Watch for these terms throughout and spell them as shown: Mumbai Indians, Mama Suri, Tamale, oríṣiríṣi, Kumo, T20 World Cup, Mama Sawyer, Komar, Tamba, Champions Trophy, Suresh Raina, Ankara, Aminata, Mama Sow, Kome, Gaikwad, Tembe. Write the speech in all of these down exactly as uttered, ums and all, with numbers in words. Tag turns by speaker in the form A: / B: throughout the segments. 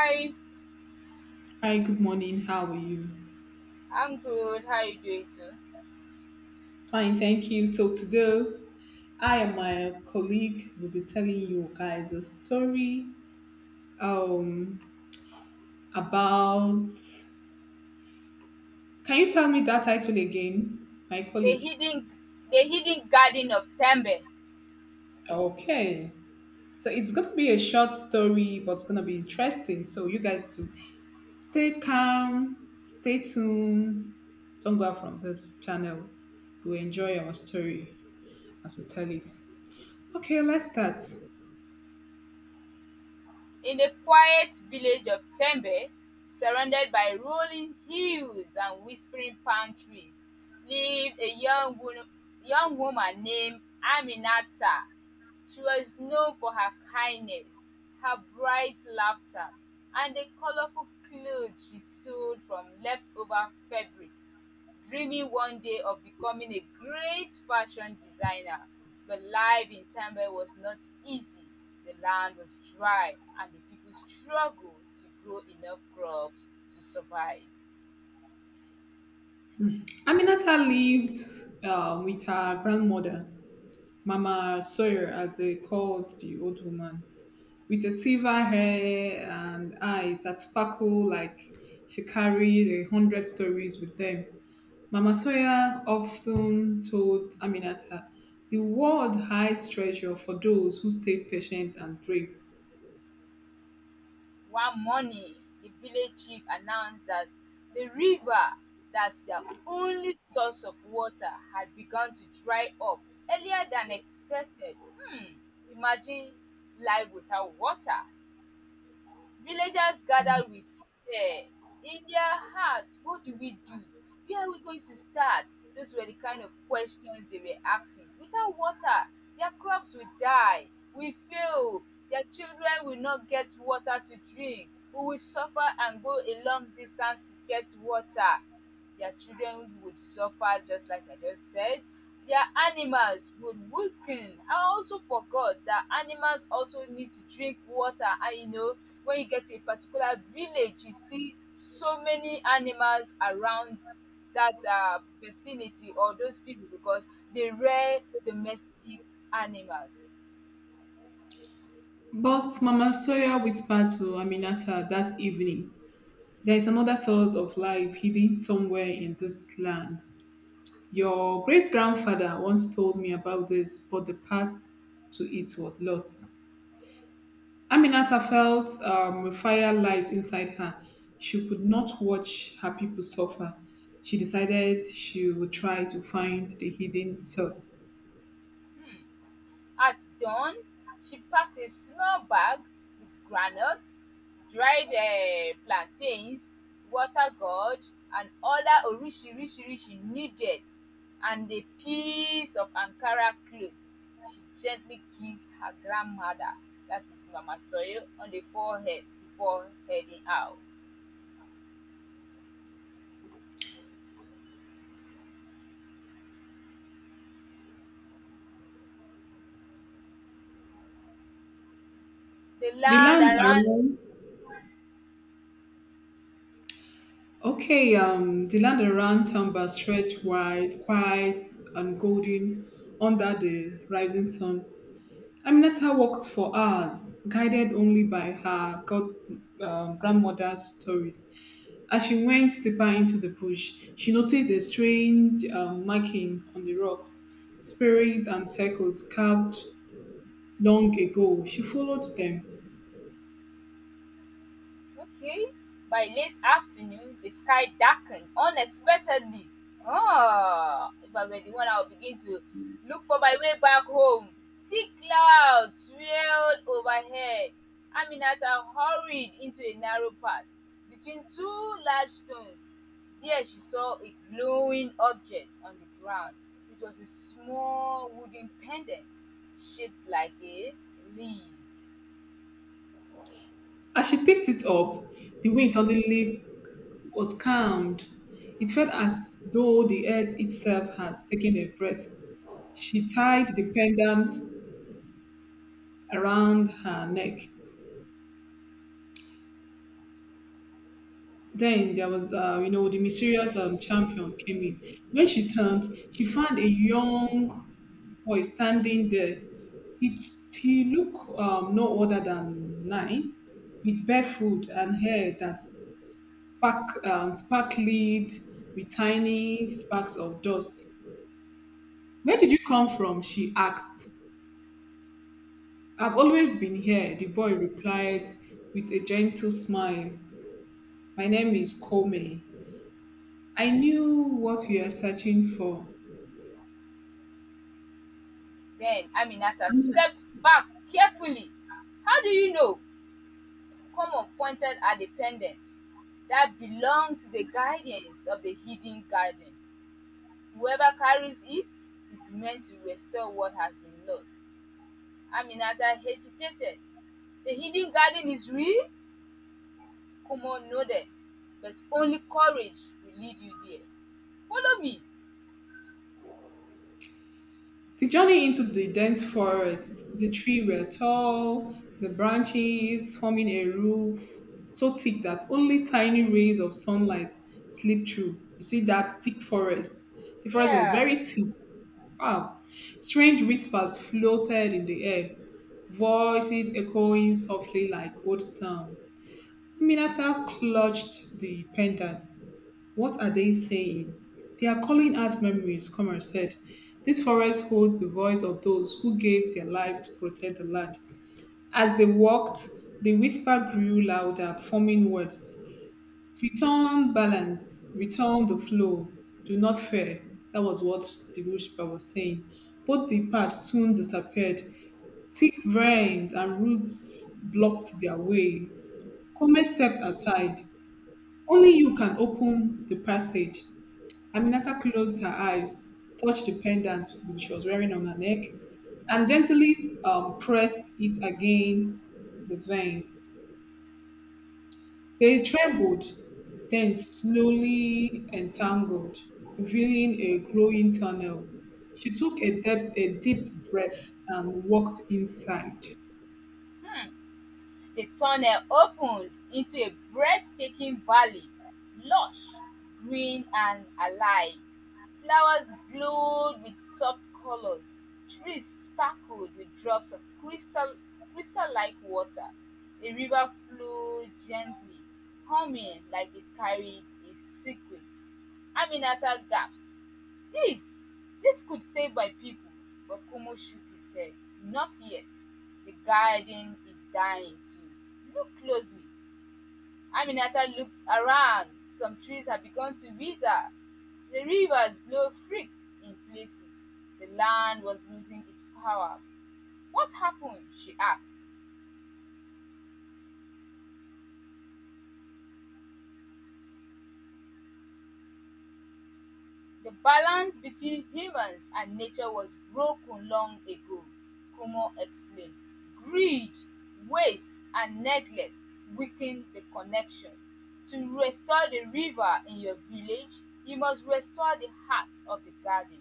A: Hi,
B: Hi, good morning. How are you?
A: I'm good. How are you doing too?
B: Fine, thank you. So today, I and my colleague will be telling you guys a story um about. Can you tell me that title again, my
A: The
B: colleague?
A: hidden, the hidden garden of Tembe.
B: Okay. So it's going to be a short story, but it's going to be interesting. So you guys too, stay calm, stay tuned. Don't go out from this channel. You will enjoy our story as we tell it. Okay, let's start.
A: In the quiet village of Tembe, surrounded by rolling hills and whispering palm trees, lived a young woman, young woman named Aminata. She was known for her kindness, her bright laughter, and the colorful clothes she sewed from leftover fabrics, dreaming one day of becoming a great fashion designer. But life in Tamale was not easy. The land was dry, and the people struggled to grow enough crops to survive.
B: Aminata lived um, with her grandmother, Mama Sawyer, as they called the old woman, with a silver hair and eyes that sparkle like she carried a hundred stories with them. Mama Sawyer often told Aminata, the world hides treasure for those who stay patient and brave.
A: One morning, the village chief announced that the river, that's their only source of water, had begun to dry up earlier than expected. Hmm, imagine life without water. Villagers gathered with fear in their hearts. What do we do? Where are we going to start? Those were the kind of questions they were asking. Without water, their crops will die, will fail, their children will not get water to drink, we will suffer and go a long distance to get water. Their children would suffer just like I just said. Their animals would weaken. I also forgot that animals also need to drink water. And you know, when you get to a particular village, you see so many animals around that uh, vicinity or those people because they rear domestic animals.
B: But Mama Sawyer whispered to Aminata that evening, there is another source of life hidden somewhere in this land. Your great grandfather once told me about this, but the path to it was lost. Aminata felt um, a fire light inside her. She could not watch her people suffer. She decided she would try to find the hidden source.
A: At dawn, she packed a small bag with groundnuts, dried um plantains, water gourd and other oríṣiríṣi needed and a piece of Ankara cloth she gently kissed her grandmother that is (Mama Sow) on the forehead before heading out. The
B: The
A: land
B: land
A: around.
B: around, okay, um, the land around Tamba stretched wide, quiet, and golden under the rising sun. Aminata walked for hours, guided only by her god, um, grandmother's stories. As she went deeper into the bush, she noticed a strange um, marking on the rocks, spirals and circles carved long ago. She followed them.
A: Okay. By late afternoon, the sky darkened unexpectedly. Ah, if I were the one, I would begin to look for my way back home. Thick clouds swirled overhead. Aminata hurried into a narrow path between two large stones. There she saw a glowing object on the ground. It was a small wooden pendant shaped like a leaf.
B: As she picked it up, the wind suddenly was calmed. It felt as though the earth itself has taken a breath. She tied the pendant around her neck. Then there was, uh, you know, the mysterious um, champion came in. When she turned, she found a young boy standing there. He, he looked um, no older than nine, with barefoot and hair that spark, um, sparkled with tiny sparks of dust. Where did you come from? She asked. I've always been here, the boy replied with a gentle smile. My name is Kome. I knew what you are searching for.
A: Then Aminata stepped back carefully. "How do you know?" Common pointed at the pendant that belonged to the guardians of the hidden garden. "Whoever carries it is meant to restore what has been lost." Aminata hesitated. "The hidden garden is real?" Common nodded. "But only courage will lead you there. Follow me."
B: The journey into the dense forest, the trees were tall, the branches forming a roof so thick that only tiny rays of sunlight slipped through. You see that thick forest. The forest was
A: "Yeah."
B: very thick. Wow. Strange whispers floated in the air, voices echoing softly like old sounds. Aminata clutched the pendant. What are they saying? They are calling out memories, Comer said. This forest holds the voice of those who gave their life to protect the land. As they walked, the whisper grew louder, forming words. Return balance, return the flow, do not fear. That was what the whisper was saying. Both the paths soon disappeared. Thick vines and roots blocked their way. Comer stepped aside. Only you can open the passage. Aminata closed her eyes, touched the pendant she was wearing on her neck, and gently um, pressed it against the veins. They trembled, then slowly entangled, revealing a glowing tunnel. She took a, dep- a deep breath and walked inside.
A: The tunnel opened into a breathtaking valley, lush, green and alive. Flowers glowed with soft colors. Trees sparkled with drops of crystal crystal-like water. A river flowed gently, humming like it carried a secret. Aminata gasped. This, this could save my people. But Kumo shook his head. Not yet. The garden is dying too. Look closely. Aminata looked around. Some trees had begun to wither. The rivers glowed freaked in places. The land was losing its power. What happened? She asked. The balance between humans and nature was broken long ago, Kumo explained. Greed, waste, and neglect weakened the connection. To restore the river in your village, you must restore the heart of the garden.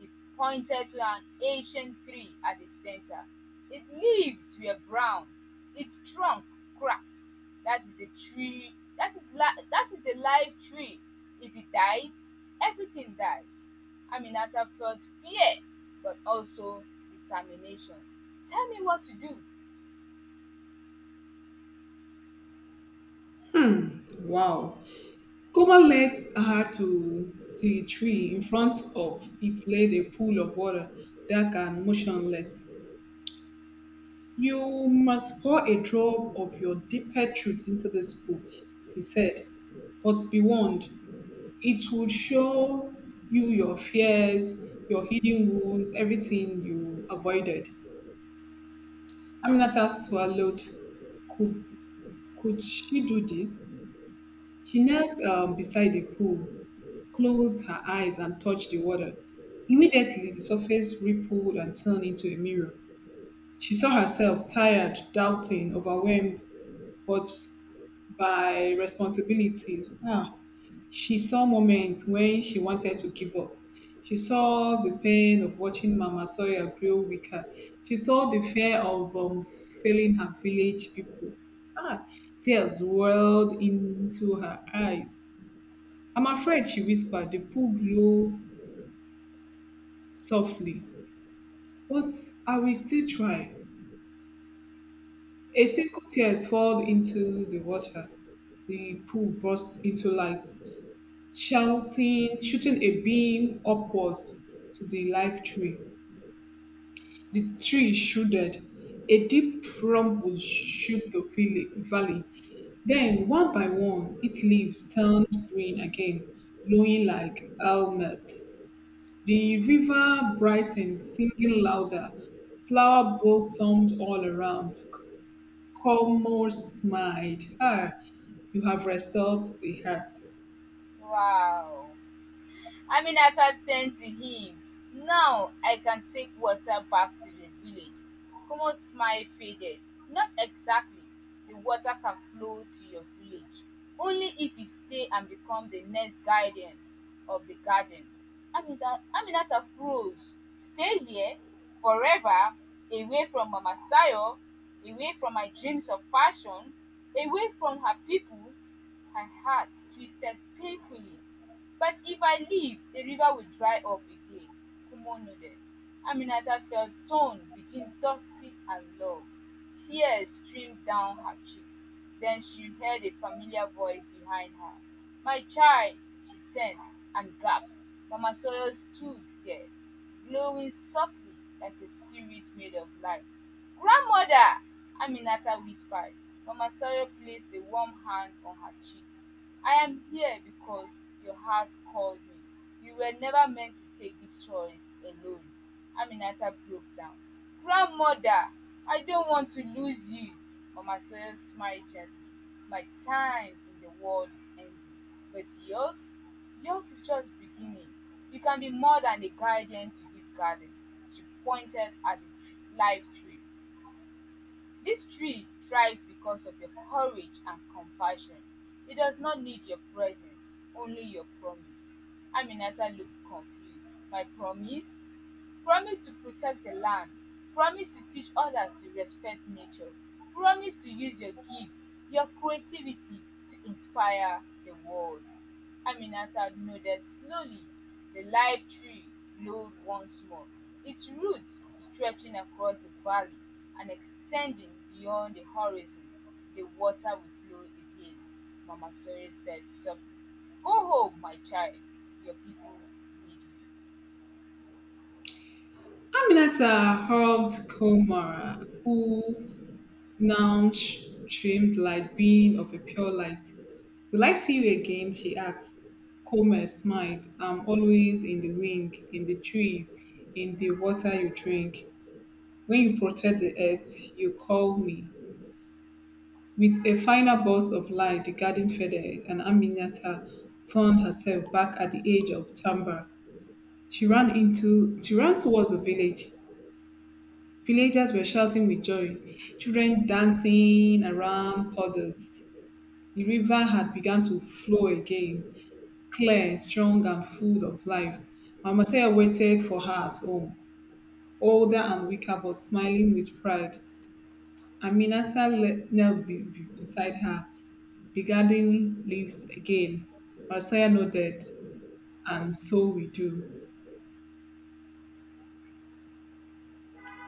A: He pointed to an ancient tree at the center. Its leaves were brown, its trunk cracked. That is the tree. That is li- that is the live tree. If it dies, everything dies. Aminata felt fear, but also determination. Tell me what to do.
B: Wow. Kuma led her to the tree. In front of it laid a pool of water, dark and motionless. You must pour a drop of your deeper truth into this pool, he said. But be warned, it would show you your fears, your hidden wounds, everything you avoided. Aminata swallowed. Could, could she do this? She knelt um, beside the pool, closed her eyes, and touched the water. Immediately, the surface rippled and turned into a mirror. She saw herself tired, doubting, overwhelmed, but by responsibility. Ah, she saw moments when she wanted to give up. She saw the pain of watching Mama Sawyer grow weaker. She saw the fear of um, failing her village people. Ah, tears welled into her eyes. I'm afraid, she whispered, the pool glow softly. But I will still try. A single tear fell into the water. The pool burst into light, shouting, shooting a beam upwards to the live tree. The tree shuddered. A deep rumble shook the villi- valley. Then, one by one, its leaves turned green again, glowing like helmets. The river brightened, singing louder. Flower blossomed all around. Colmore smiled. Ah, you have restored the hearts.
A: Wow. Aminata turned to him. Now I can take water back to the village. Kumo's smile faded. Not exactly. The water can flow to your village. Only if you stay and become the next guardian of the garden. Aminata, Aminata froze. Stay here forever, away from Mama Sayo, away from my dreams of fashion, away from her people. Her heart twisted painfully. But if I leave, the river will dry up again, Kumo nodded. Aminata felt torn between Dusty and love. Tears streamed down her cheeks. Then she heard a familiar voice behind her. My child, she turned and gasped. Mama Sawyer stood there, glowing softly like a spirit made of light. Grandmother! Aminata whispered. Mama Sawyer placed a warm hand on her cheek. I am here because your heart called me. You were never meant to take this choice alone. Aminata broke down. Grandmother, I don't want to lose you. Mama Sawyer smiled gently. My time in the world is ending. But yours? Yours is just beginning. You can be more than a guardian to this garden. She pointed at the tr- live tree. This tree thrives because of your courage and compassion. It does not need your presence, only your promise. Aminata looked confused. My promise? Promise to protect the land. Promise to teach others to respect nature. Promise to use your gifts, your creativity to inspire the world. Aminata nodded slowly, the live tree glowed once more, its roots stretching across the valley and extending beyond the horizon. The water will flow again, Mama Suri said softly. Go home, my child. Your people need you.
B: Aminata hugged Komara, who now sh- streamed like being of a pure light. Will I see you again? She asked. Komar smiled. I'm always in the wind, in the trees, in the water you drink. When you protect the earth, you call me. With a final burst of light, the garden faded, and Aminata found herself back at the edge of Tamba. She ran into she ran towards the village. Villagers were shouting with joy, children dancing around puddles. The river had begun to flow again, clear, strong, and full of life. Mama Saya waited for her at home, older and weaker, but smiling with pride. Aminata le- knelt be- be- beside her, the garden leaves again. Mama Saya nodded, and so we do.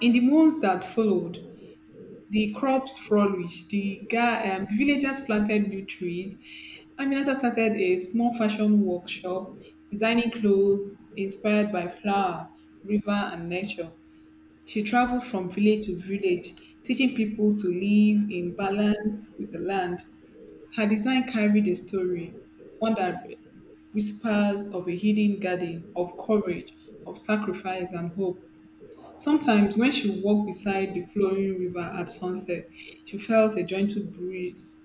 B: In the months that followed, the crops flourished. The guy, um, the villagers planted new trees. Aminata started a small fashion workshop, designing clothes inspired by flower, river, and nature. She traveled from village to village, teaching people to live in balance with the land. Her design carried a story, one that whispers of a hidden garden, of courage, of sacrifice, and hope. Sometimes, when she walked beside the flowing river at sunset, she felt a gentle breeze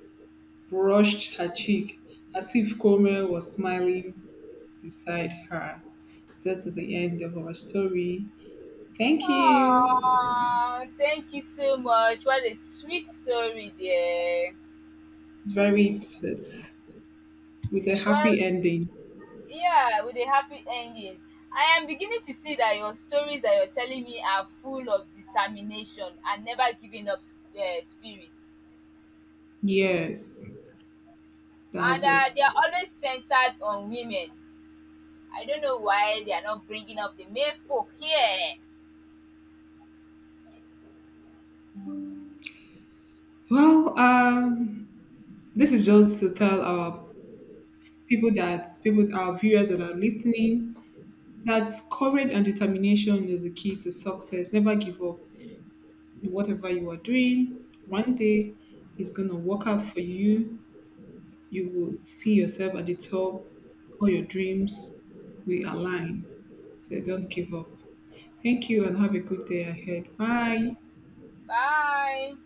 B: brushed her cheek as if Cormel was smiling beside her. This is the end of our story. Thank you.
A: Ah, thank you so much. What a sweet story there.
B: It's very sweet with a
A: Well,
B: happy ending.
A: yeah, with a happy ending. I am beginning to see that your stories that you're telling me are full of determination and never giving up uh, spirit.
B: Yes,
A: And
B: that's
A: uh, they are
B: it.
A: always centered on women. I don't know why they are not bringing up the male folk here.
B: Well, um, this is just to tell our people that people, our viewers that are listening, that's courage and determination is the key to success. Never give up in whatever you are doing. One day it's gonna work out for you. You will see yourself at the top. All your dreams will align. So don't give up. Thank you and have a good day ahead. Bye.
A: Bye.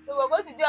A: So we're going to do